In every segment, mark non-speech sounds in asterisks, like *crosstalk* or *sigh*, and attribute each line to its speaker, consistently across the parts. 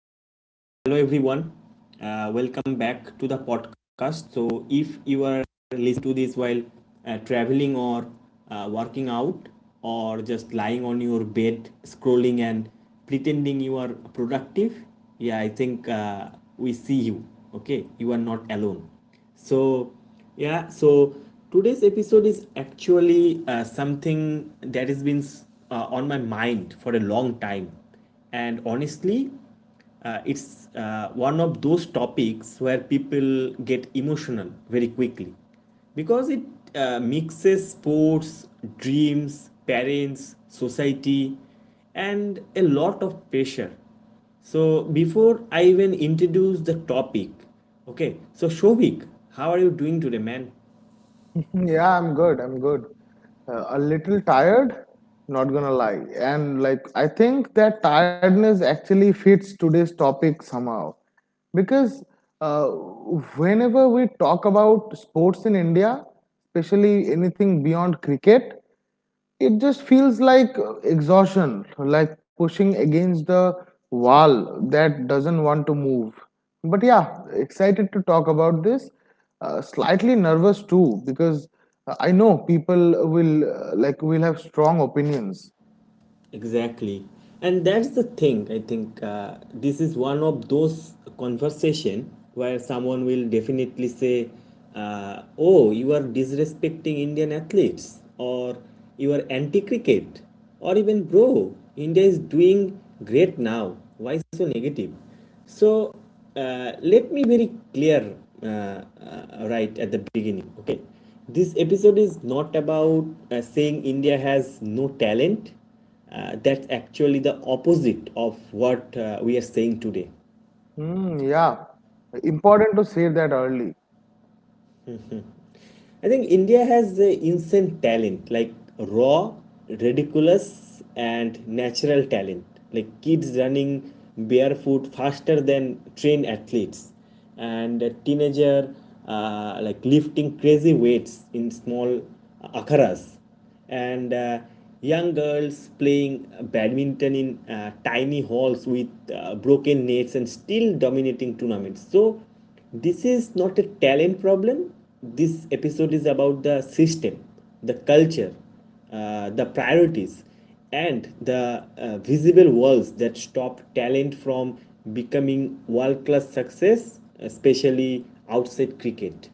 Speaker 1: Okay. So, hello everyone. Welcome back to the podcast. So, if you are listen to this while traveling or working out or just lying on your bed scrolling and pretending you are productive. Yeah, I think we see you. Okay, you are not alone. So yeah so today's episode is actually something that has been on my mind for a long time. And honestly, it's one of those topics where people get emotional very quickly, because it mixes sports, dreams, parents, society, and a lot of pressure. So, before I even introduce the topic, okay, so Shovik, how are you doing today, man?
Speaker 2: Yeah, I'm good. I'm good. A little tired, not gonna lie. And like, I think that tiredness actually fits today's topic somehow. Because uh, whenever we talk about sports in India, especially anything beyond cricket, it just feels like exhaustion, like pushing against the wall that doesn't want to move. But yeah, excited to talk about this. Slightly nervous too, because I know people will will have strong opinions.
Speaker 1: Exactly. And that's the thing. I think this is one of those conversation where someone will definitely say, "Oh, you are disrespecting indian athletes," or "You are anti cricket," or even, "Bro, india is doing great now. Why so negative?" So let me very clear right at the beginning. Okay, this episode is not about saying India has no talent. That's actually the opposite of what we are saying today.
Speaker 2: Hmm, yeah, important to say that early.
Speaker 1: I think India has insane talent, like raw, ridiculous, and natural talent, like kids running barefoot faster than trained athletes, and a teenager like lifting crazy weights in small akharas, and young girls playing badminton in tiny halls with broken nets and still dominating tournaments. So, this is not a talent problem. This episode is about the system, the culture, the priorities, and the visible walls that stop talent from becoming world class success, especially outside cricket.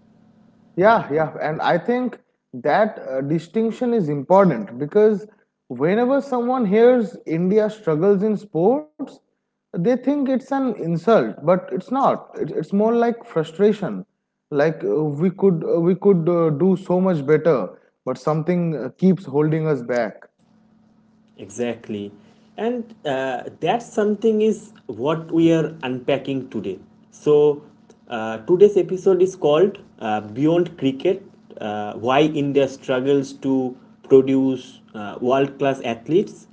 Speaker 2: Yeah, yeah, and I think that distinction is important because whenever someone hears India struggles in sports, they think it's an insult, but it's not. It's more like frustration. Like we could do so much better, but something keeps holding us back.
Speaker 1: Exactly. And that something is what we are unpacking today. So, today's episode is called Beyond Cricket, Why India Struggles to Produce World Class Athletes.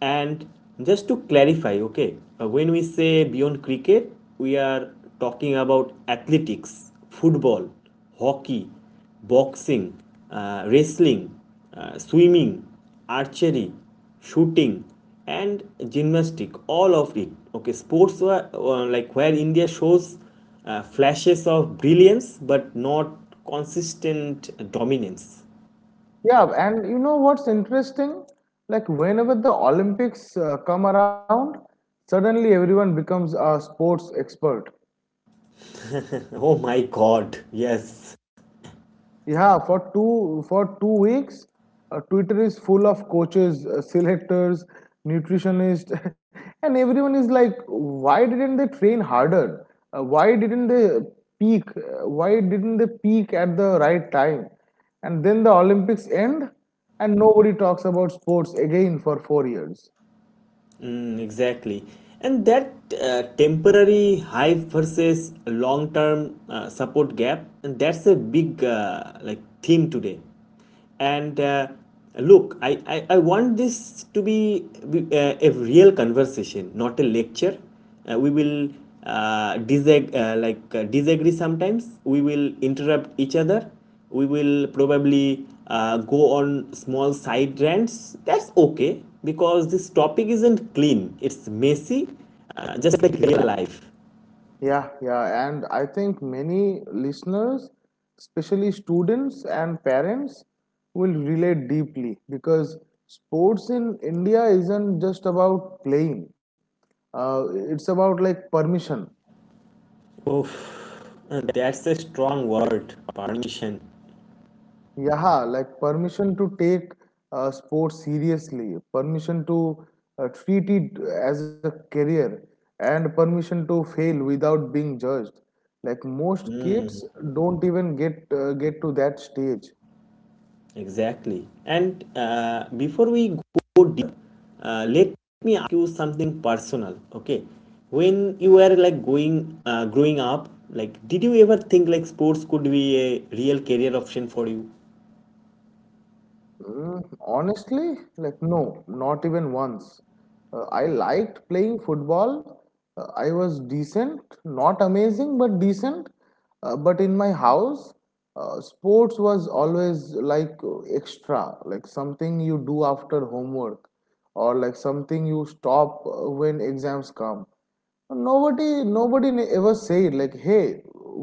Speaker 1: And just to clarify, okay, when we say Beyond Cricket, we are talking about athletics, football, hockey, boxing, wrestling, swimming, archery, shooting, and gymnastic. All of it. Okay, sports were like where India shows flashes of brilliance but not consistent dominance.
Speaker 2: Yeah, and you know what's interesting? Like whenever the Olympics come around, suddenly everyone becomes a sports expert.
Speaker 1: *laughs* Oh my God! Yes.
Speaker 2: Yeah, for two weeks, Twitter is full of coaches, selectors, nutritionists, *laughs* and everyone is like, "Why didn't they train harder? Why didn't they peak? Why didn't they peak at the right time?" And then the Olympics end, and nobody talks about sports again for 4 years.
Speaker 1: Mm, exactly. And that temporary high versus long term support gap, and that's a big like theme today. And look, I want this to be a real conversation, not a lecture. We will disagree sometimes, we will interrupt each other, we will probably go on small side rants. That's okay, because this topic isn't clean, it's messy, just like real life.
Speaker 2: Yeah, yeah, and I think many listeners, especially students and parents, will relate deeply because sports in India isn't just about playing. It's about like permission.
Speaker 1: Oof, that's a strong word, permission.
Speaker 2: Yeah, like permission to take sports seriously, permission to treat it as a career, and permission to fail without being judged. Like most kids don't even get to that stage.
Speaker 1: Exactly. And before we go deep, let me ask you something personal. Okay, when you were like going growing up, like did you ever think like sports could be a real career option for you?
Speaker 2: Mm, honestly, like no, not even once. I liked playing football. I was decent, not amazing, but decent. But in my house, sports was always like extra, like something you do after homework, or like something you stop when exams come. Ever said like, "Hey,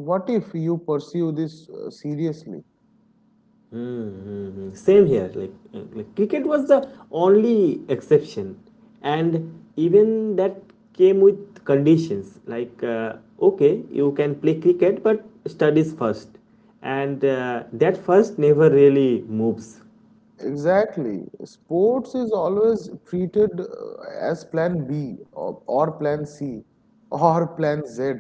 Speaker 2: what if you pursue this seriously?"
Speaker 1: Mm, same here. Like cricket was the only exception, and even that came with conditions. Like, okay, you can play cricket, but studies first, and that first never really moves.
Speaker 2: Exactly. Sports is always treated as plan B or plan C or plan Z.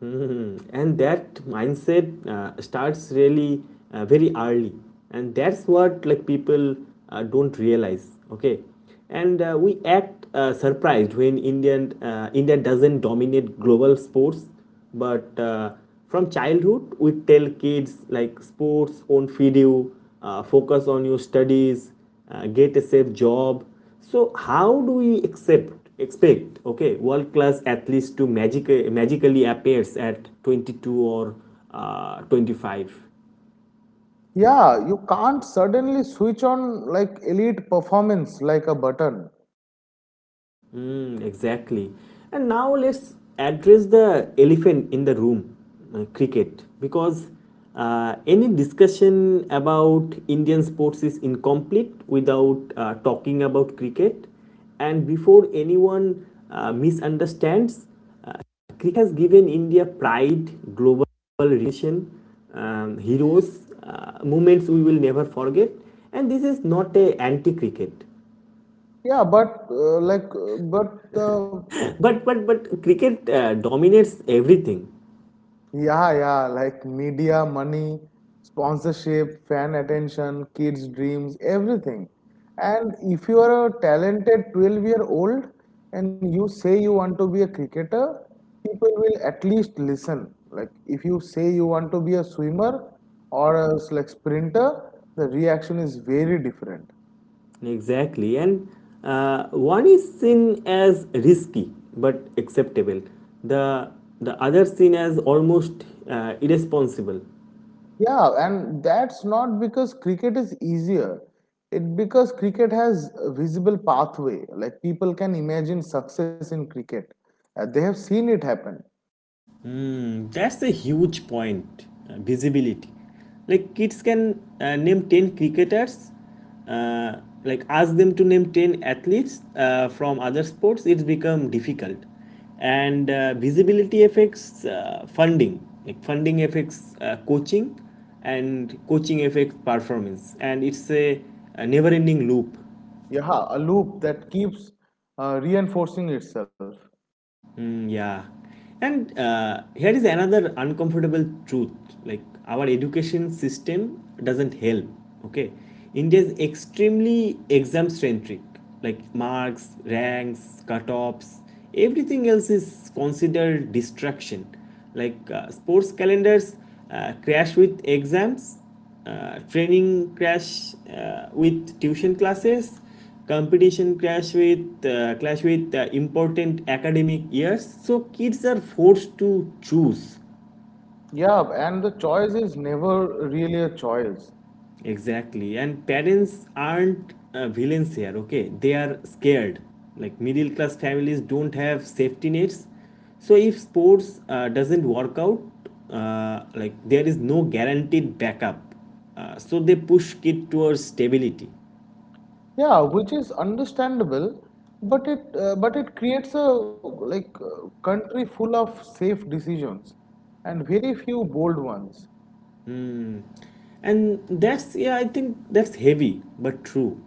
Speaker 1: Hmm. And that mindset starts really very early, and that's what like people don't realize. Okay, and we act surprised when India doesn't dominate global sports, but from childhood we tell kids like sports won't feed you, focus on your studies, get a safe job, so how do we accept expect okay world class athletes to magic, magically appear at 22 or 25?
Speaker 2: Yeah, you can't suddenly switch on like elite performance like a button.
Speaker 1: Mm, exactly. And now let's address the elephant in the room, cricket, because any discussion about Indian sports is incomplete without talking about cricket. And before anyone misunderstands, cricket has given India pride, global recognition, heroes, moments we will never forget. And this is not a anti-cricket,
Speaker 2: Yeah, but like but the
Speaker 1: but cricket dominates everything.
Speaker 2: Yeah, yeah, like media, money, sponsorship, fan attention, kids' dreams, everything. And if you are a talented 12-year-old and you say you want to be a cricketer, people will at least listen. Like if you say you want to be a swimmer or a sprinter, the reaction is very different.
Speaker 1: Exactly. And one is seen as risky but acceptable. The the other seen as almost irresponsible.
Speaker 2: Yeah, and that's not because cricket is easier. It because cricket has a visible pathway. Like people can imagine success in cricket. They have seen it happen.
Speaker 1: Mm, that's the huge point, visibility. Like kids can name 10 cricketers, uh, like ask them to name 10 athletes from other sports, it's become difficult. And visibility affects funding, like funding affects coaching, and coaching affects performance. And it's a never ending loop.
Speaker 2: Yeah, a loop that keeps reinforcing itself.
Speaker 1: Mm, yeah. And here is another uncomfortable truth, like, our education system doesn't help. Okay. India is extremely exam centric, like marks, ranks, cutoffs, everything else is considered distraction. Like, sports calendars crash with exams, training crash with tuition classes, competition crash with clash with important academic years, so kids are forced to choose.
Speaker 2: Yeah, and the choice is never really a choice.
Speaker 1: Exactly. And parents aren't villains here, okay, they are scared. Like middle class families don't have safety nets, so if sports doesn't work out, like there is no guaranteed backup, so they push kid towards stability.
Speaker 2: Yeah, which is understandable, but it creates a country full of safe decisions and very few bold ones.
Speaker 1: And that's, yeah, I think that's heavy but true.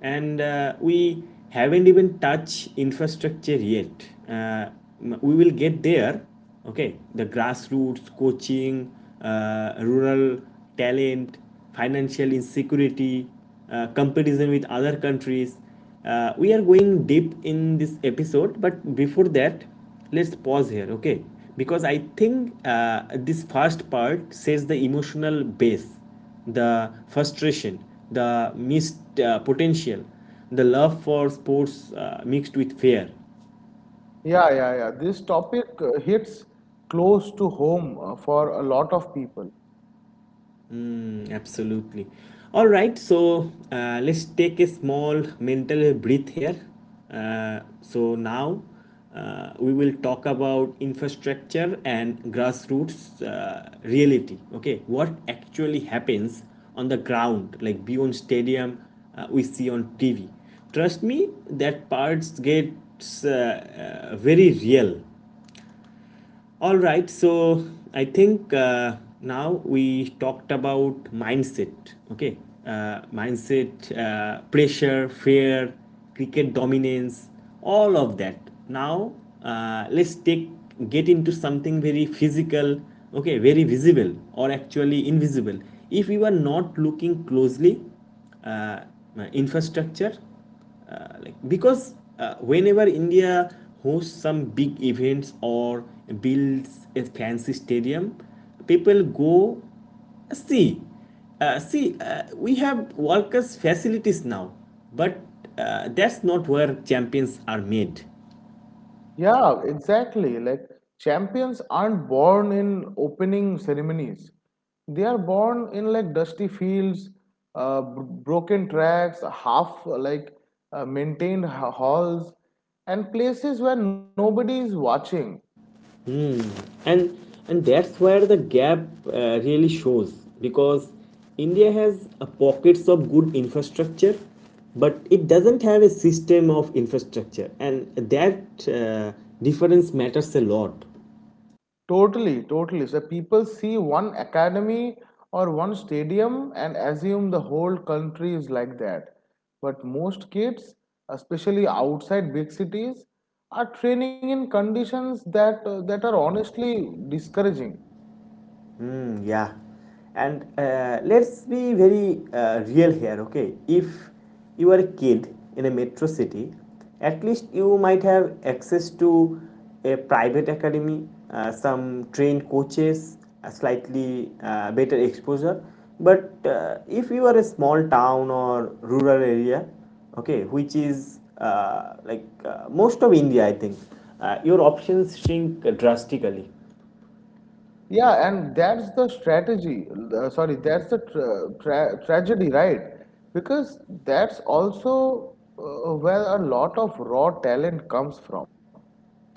Speaker 1: And we haven't even touched infrastructure yet. We will get there. Okay, the grassroots coaching, rural talent, financial insecurity, comparison with other countries, we are going deep in this episode, but before that, let's pause here, okay? Because I think this first part says the emotional base, the frustration, the missed potential, the love for sports mixed with fear.
Speaker 2: Yeah, yeah, yeah. This topic hits close to home for a lot of people.
Speaker 1: Mm, absolutely. All right, so let's take a small mental breath here. So now we will talk about infrastructure and grassroots reality. Okay, what actually happens on the ground, like beyond stadium, we see on TV. Trust me, that parts gets very real. All right, so I think now we talked about mindset, okay? Mindset, pressure, fear, cricket dominance, all of that. Now let's take get into something very physical, okay, very visible or actually invisible. If you are not looking closely, uh, infrastructure, like because whenever India hosts some big events or builds a fancy stadium, people go, "See. See, we have world workers' facilities now," but that's not where champions are made.
Speaker 2: Yeah, exactly. Like champions aren't born in opening ceremonies. They are born in like dusty fields, b broken tracks, half like maintained ha- halls, and places where nobody is watching.
Speaker 1: and and that's where the gap really shows, because india has pockets of good infrastructure, but it doesn't have a system of infrastructure, and that uh, difference matters a lot.
Speaker 2: Totally, totally. So people see one academy or one stadium and assume the whole country is like that. But most kids, especially outside big cities, are training in conditions that are honestly discouraging.
Speaker 1: Mm, yeah. And let's be very real here, okay? If you are a kid in a metro city, at least you might have access to a private academy, some trained coaches, a slightly better exposure. But if you are a small town or rural area, okay, which is like most of India, I think, your options shrink drastically.
Speaker 2: Yeah, and that's the strategy. Sorry, that's the tra- tra- tragedy, right? Because that's also where a lot of raw talent comes from.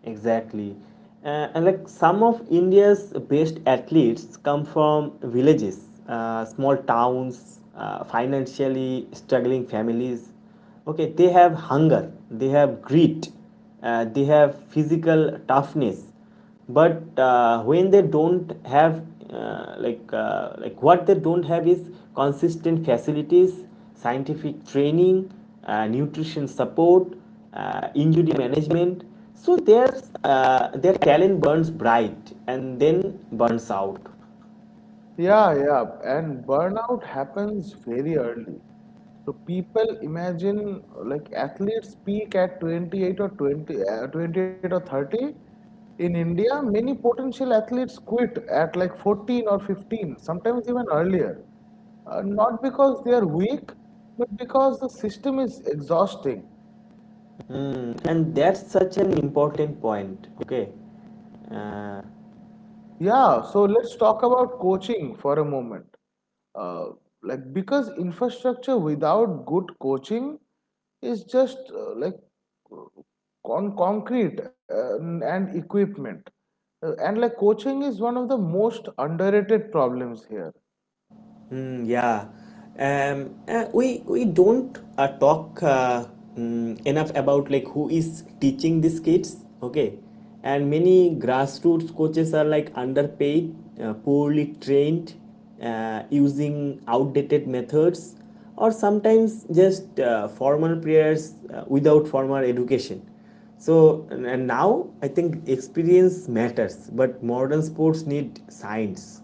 Speaker 1: Exactly. And like some of India's best athletes come from villages, small towns, financially struggling families. Okay, they have hunger, they have grit, they have physical toughness, but when they don't have like what they don't have is consistent facilities, scientific training, nutrition support, injury management, so their talent burns bright and then burns out.
Speaker 2: Yeah, yeah. And burnout happens very early. So people imagine like athletes peak at 28 or 30. In India, many potential athletes quit at like 14 or 15, sometimes even earlier. Not because they are weak, but because the system is exhausting.
Speaker 1: Mm, and that's such an important point, okay.
Speaker 2: Yeah, so let's talk about coaching for a moment. uh, like because infrastructure without good coaching is just like concrete and equipment. And like coaching is one of the most underrated problems here.
Speaker 1: Mm, yeah. We don't talk enough about like who is teaching these kids, okay? And many grassroots coaches are like underpaid, poorly trained, using outdated methods, or sometimes just formal prayers without formal education. So, and now I think experience matters, but modern sports need science.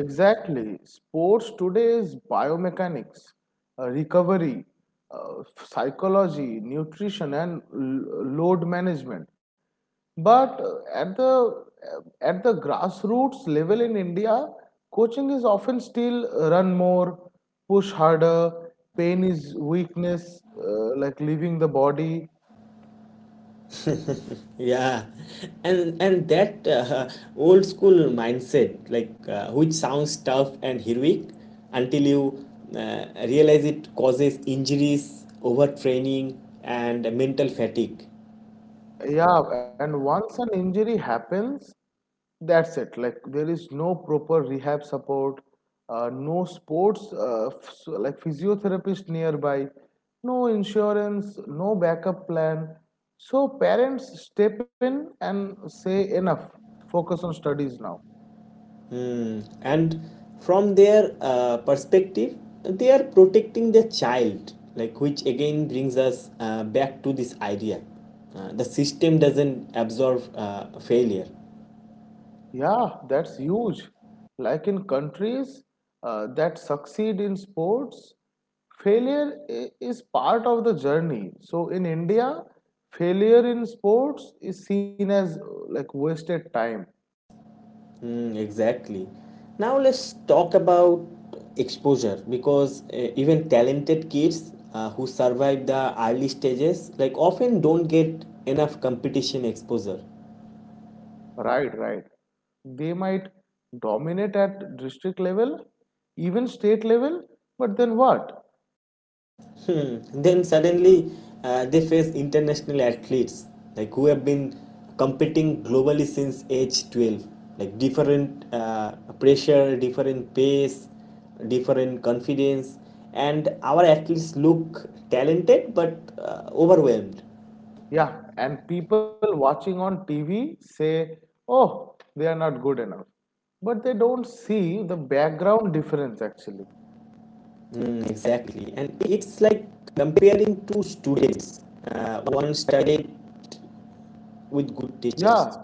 Speaker 2: Exactly. Sports today is biomechanics, recovery, uh, psychology, nutrition and load management. But at the grassroots level in India, coaching is often still run more, push harder, pain is weakness, like leaving the body.
Speaker 1: Yeah, and that *laughs* old school mindset, like which sounds tough and heroic, until you realize it causes injuries, overtraining, and mental fatigue.
Speaker 2: Yeah, and once an injury happens, that's it. Like there is no proper rehab support, no sports like physiotherapist nearby, no insurance, no backup plan. So parents step in and say enough, focus on studies now.
Speaker 1: And from their perspective, they are protecting their child, like which again brings us back to this idea: the system doesn't absorb failure.
Speaker 2: Yeah, that's huge. Like in countries that succeed in sports, failure is part of the journey. So in India, failure in sports is seen as like wasted time.
Speaker 1: Mm, exactly. Now let's talk about exposure, because even talented kids who survive the early stages like often don't get enough competition exposure.
Speaker 2: Right, right. They might dominate at district level, even state level, but then what?
Speaker 1: Hmm. Then suddenly they face international athletes like who have been competing globally since age 12, like different pressure, different pace, different confidence, and our athletes look talented but overwhelmed.
Speaker 2: Yeah, and people watching on TV say, oh, they are not good enough. But they don't see the background difference actually.
Speaker 1: Hmm, exactly. And it's like comparing two students, one studied with good
Speaker 2: Yeah,
Speaker 1: teachers.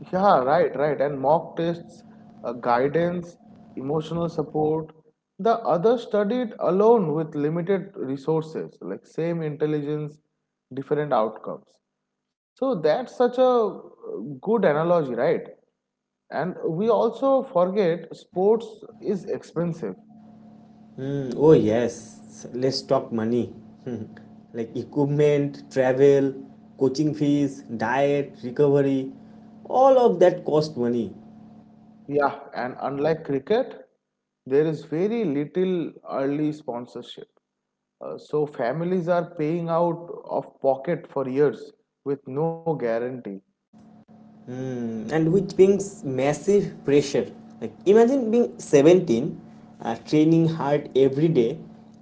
Speaker 2: yeah, right, right. And mock tests, guidance, emotional support. The others studied alone with limited resources, like same intelligence, different outcomes. So that's such a good analogy, right? And we also forget sports is expensive.
Speaker 1: Hmm. Oh yes, let's talk money. Hmm, like equipment, travel, coaching fees, diet, recovery, all of that cost money.
Speaker 2: Yeah, and unlike cricket, there is very little early sponsorship. So families are paying out of pocket for years with no guarantee.
Speaker 1: Hmm. And which brings massive pressure. Like imagine being 17, training hard every day,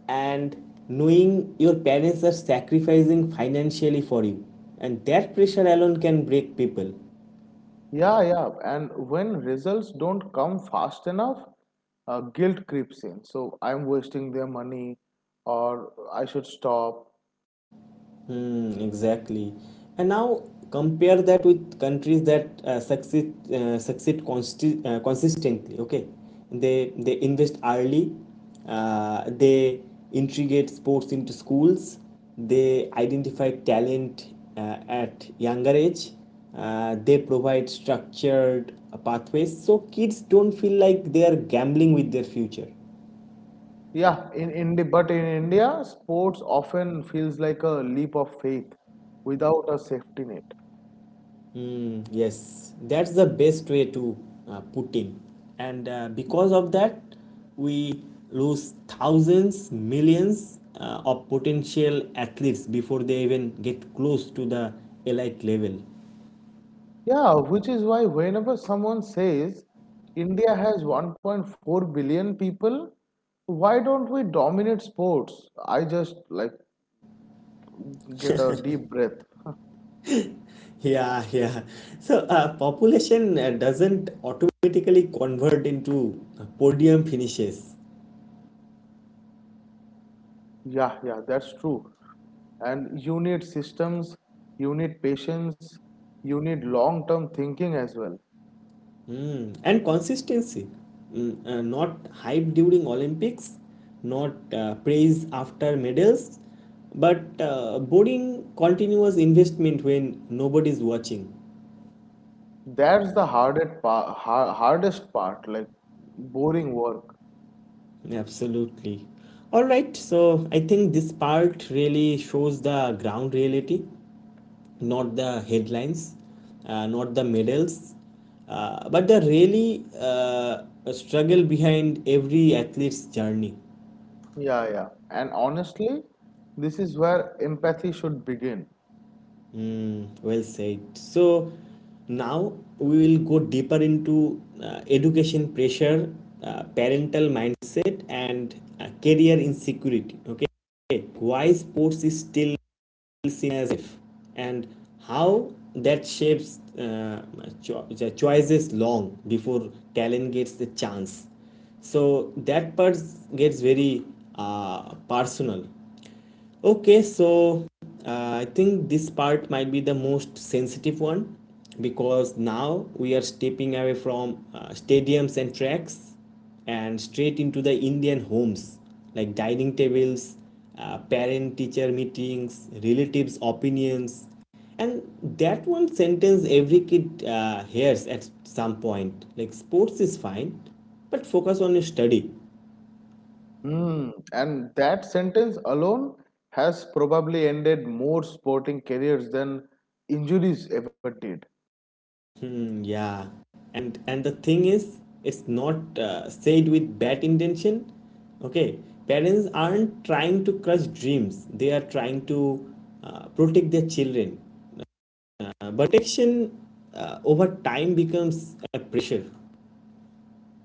Speaker 1: and knowing your parents are sacrificing financially for you. And that pressure alone can break people.
Speaker 2: Yeah, yeah, and when results don't come fast enough, guilt creeps in. So I'm wasting their money, or I should stop.
Speaker 1: Hmm, exactly. And now compare that with countries that consistently. Okay, they invest early. They integrate sports into schools. They identify talent at younger age. They provide structured pathways so kids don't feel like they are gambling with their future.
Speaker 2: But in India, sports often feels like a leap of faith without a safety net.
Speaker 1: Mm, yes, that's the best way to put in. And Because of that, we lose thousands, millions of potential athletes before they even get close to the elite level. *laughs*
Speaker 2: Yeah, which is why whenever someone says India has 1.4 billion people, why don't we dominate sports? I just like get a deep breath.
Speaker 1: Yeah, yeah. So, population doesn't automatically convert into podium finishes.
Speaker 2: Yeah, yeah, that's true. And you need systems, you need patience, you need long-term thinking as well.
Speaker 1: Mm, and consistency. Not hype during Olympics, not praise after medals, but boring continuous investment when nobody's watching.
Speaker 2: That's the hardest part, like boring work.
Speaker 1: Absolutely. All right, so I think this part really shows the ground reality, not the headlines, not the medals, but the really struggle behind every athlete's journey.
Speaker 2: Yeah, yeah. And honestly, this is where empathy should begin.
Speaker 1: Mm, well said. So now we will go deeper into education pressure, parental mindset, and career insecurity. Okay, why sports is still seen as if and how that shapes the choices long before talent gets the chance, so that part gets very personal. Okay, so I think this part might be the most sensitive one because now we are stepping away from stadiums and tracks and straight into the Indian homes, like dining tables, parent teacher meetings, relatives' opinions. And that one sentence every kid hears at some point, like, sports is fine, but focus on your study.
Speaker 2: Mm, and that sentence alone has probably ended more sporting careers than injuries ever did.
Speaker 1: Hmm, yeah. And the thing is, it's not said with bad intention. Okay, parents aren't trying to crush dreams, they are trying to protect their children. But protection over time becomes a pressure.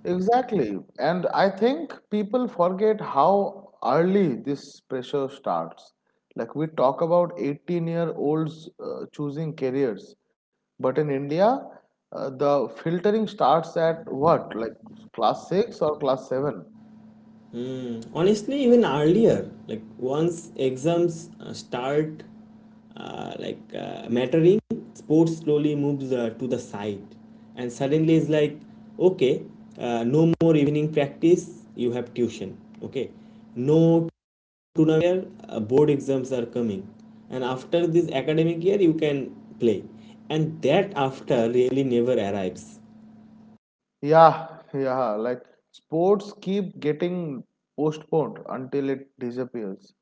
Speaker 2: Exactly. And I think people forget how early this pressure starts. Like we talk about 18-year-olds choosing careers, but in India, the filtering starts at what? Like class 6 or class 7?
Speaker 1: Honestly, even earlier, like once exams start mattering, sports slowly moves to the side, and suddenly it's like, okay, no more evening practice. You have tuition. Okay, no tournament. Board exams are coming, and after this academic year, you can play, and that after really never arrives.
Speaker 2: Yeah, yeah, like sports keep getting postponed until it disappears.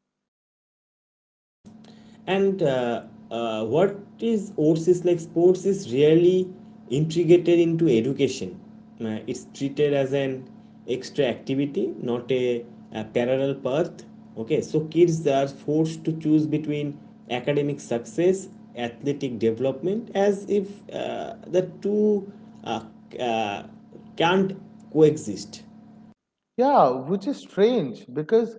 Speaker 1: And What is sports is, like, sports is really integrated into education. It's treated as an extra activity, not a, a parallel path. Okay, so kids are forced to choose between academic success, athletic development, as if the two uh, uh, can't coexist.
Speaker 2: Yeah, which is strange because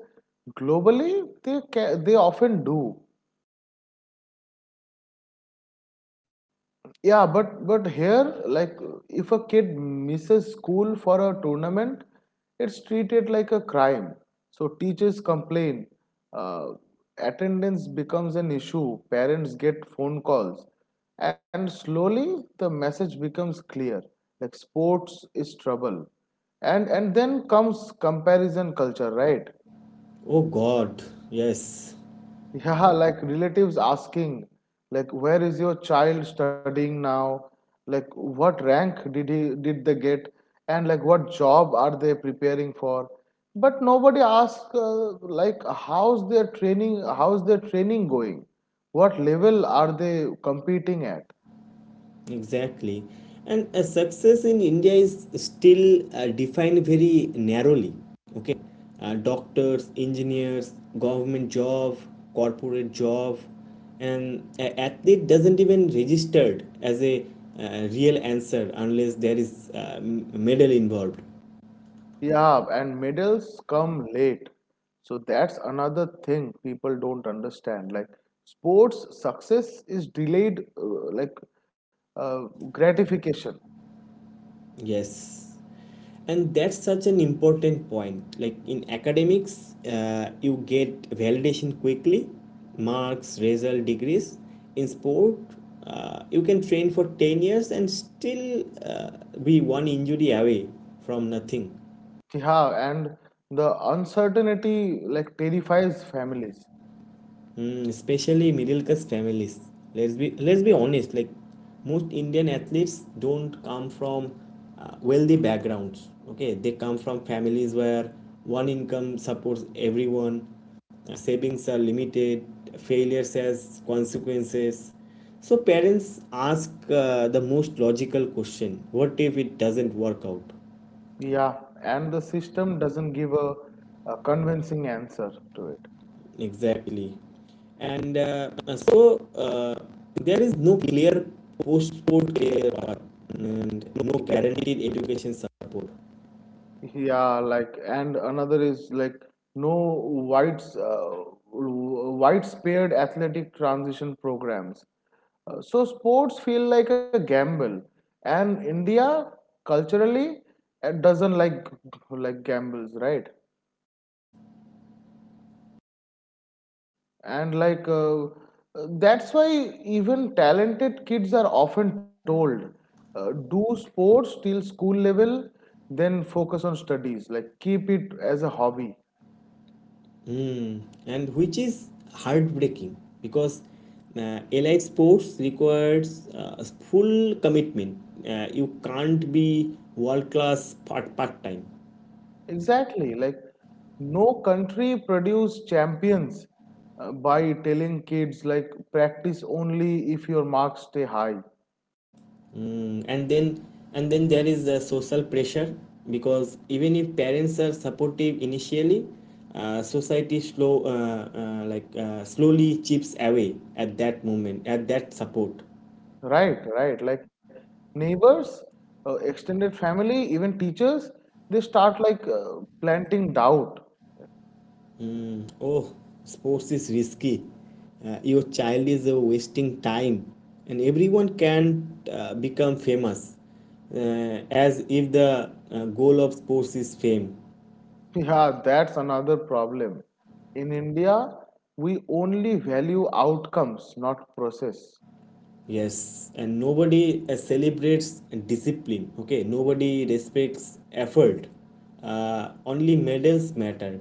Speaker 2: globally they they often do. Yeah, but here, like, if a kid misses school for a tournament, it's treated like a crime. So teachers complain. Uh, Attendance becomes an issue. Parents get phone calls, and slowly the message becomes clear. Like sports is trouble, and then comes comparison culture, right?
Speaker 1: Oh God, yes.
Speaker 2: Yeah, *laughs* like relatives asking, like, where is your child studying now? Like, what rank did he did they get? And like, what job are they preparing for? But nobody asks, like, How's their training going? What level are they competing at?
Speaker 1: Exactly. And success in India is still defined very narrowly. Okay, doctors, engineers, government job, corporate job, and athlete doesn't even registered as a real answer unless there is medal involved.
Speaker 2: Yeah, and medals come late. So that's another thing people don't understand. Like sports success is delayed, uh, gratification.
Speaker 1: Yes. And that's such an important point. Like in academics, you get validation quickly, marks, result, degrees. In sport, you can train for 10 years and still be one injury away from nothing.
Speaker 2: Yeah, and the uncertainty like terrifies families.
Speaker 1: Mm, especially middle class families. Let's be honest. Like most Indian athletes don't come from wealthy backgrounds. Okay, they come from families where one income supports everyone, savings are limited, failures has consequences. So parents ask the most logical question: what if it doesn't work out?
Speaker 2: Yeah, and the system doesn't give a convincing answer to it.
Speaker 1: Exactly. And so There is no clear post-sport career path and no guaranteed education support.
Speaker 2: Yeah, like and another is like no whites widespread athletic transition programs. So sports feel like a gamble, and India culturally doesn't like gambles, right? And that's why even talented kids are often told, do sports till school level, then focus on studies. Like keep it as a hobby.
Speaker 1: Hmm. And which is heartbreaking because allied sports requires full commitment. You can't be world class part time.
Speaker 2: Exactly. Like no country produce champions by telling kids like practice only if your marks stay high.
Speaker 1: Mm, and then there is the social pressure because even if parents are supportive initially, society slowly chips away at that moment at that support.
Speaker 2: Right, right. Like neighbors, extended family, even teachers, they start planting doubt.
Speaker 1: Mm, oh, sports is risky. Your child is wasting time, and everyone can become famous, as if the goal of sports is fame.
Speaker 2: Yeah, that's another problem. In India, we only value outcomes, not process.
Speaker 1: Yes, and nobody celebrates discipline. Okay, nobody respects effort. Only medals matter,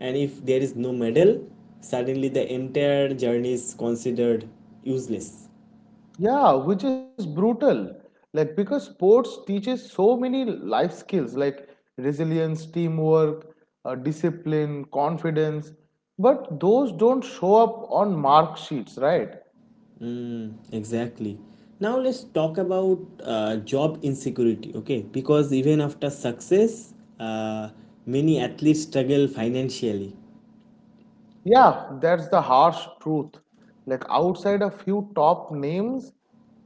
Speaker 1: and if there is no medal, suddenly the entire journey is considered useless.
Speaker 2: Yeah, which is brutal. Like because sports teaches so many life skills like resilience, teamwork, discipline, confidence, but those don't show up on mark sheets, right?
Speaker 1: Exactly. Now let's talk about job insecurity. Okay, because even after success, uh, many athletes struggle financially.
Speaker 2: Yeah, that's the harsh truth. Like outside a few top names,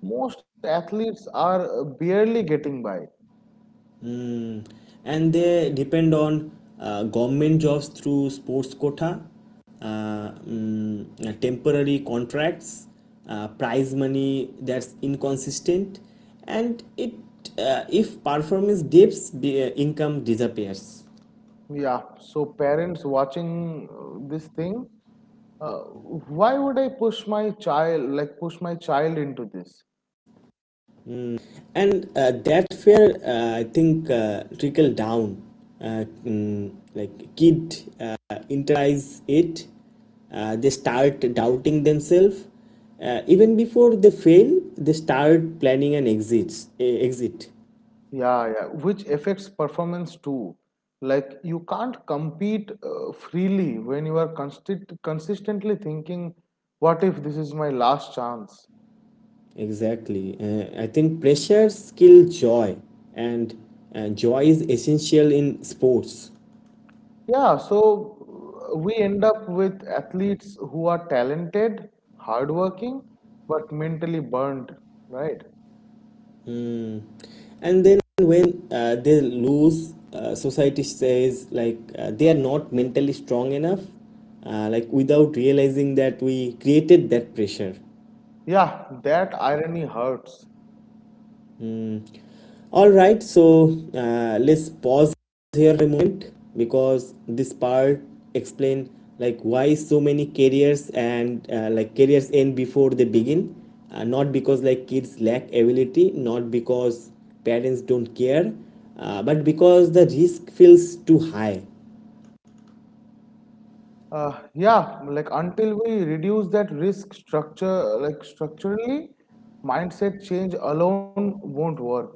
Speaker 2: most athletes are barely getting by.
Speaker 1: Mm. And they depend on government jobs through sports quota, temporary contracts, prize money that's inconsistent, and it, if performance dips, the income disappears.
Speaker 2: Yeah, so parents watching this thing, uh, why would I push my child into this?
Speaker 1: And That's where I think trickle down, like kid internalize it, they start doubting themselves, even before they fail they start planning an exit, exit.
Speaker 2: Yeah, yeah, which affects performance too. Like you can't compete freely when you are consistently thinking, what if this is my last chance?
Speaker 1: Exactly. I think pressures kill joy, and joy is essential in sports.
Speaker 2: Yeah, so we end up with athletes who are talented, hardworking, but mentally burned, right?
Speaker 1: And then when they lose, society says like they are not mentally strong enough, like without realizing that we created that pressure.
Speaker 2: Yeah, that irony hurts.
Speaker 1: All right, so let's pause here a moment because this part explain, like, why so many careers and like careers end before they begin, not because, like, kids lack ability, not because parents don't care, but because the risk feels too high.
Speaker 2: Yeah, like until we reduce that risk structure, like structurally, mindset change alone won't work.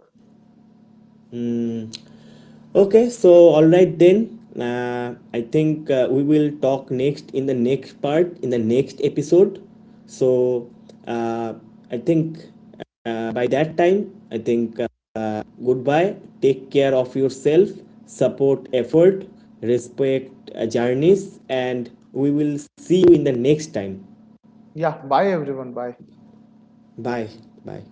Speaker 1: Okay, so all right then. I think we will talk next in the next part in the next episode. So uh, I think by that time, I think goodbye. Take care of yourself, support effort, respect journeys, and we will see you in the next time.
Speaker 2: Yeah, bye everyone, bye.
Speaker 1: Bye. Bye.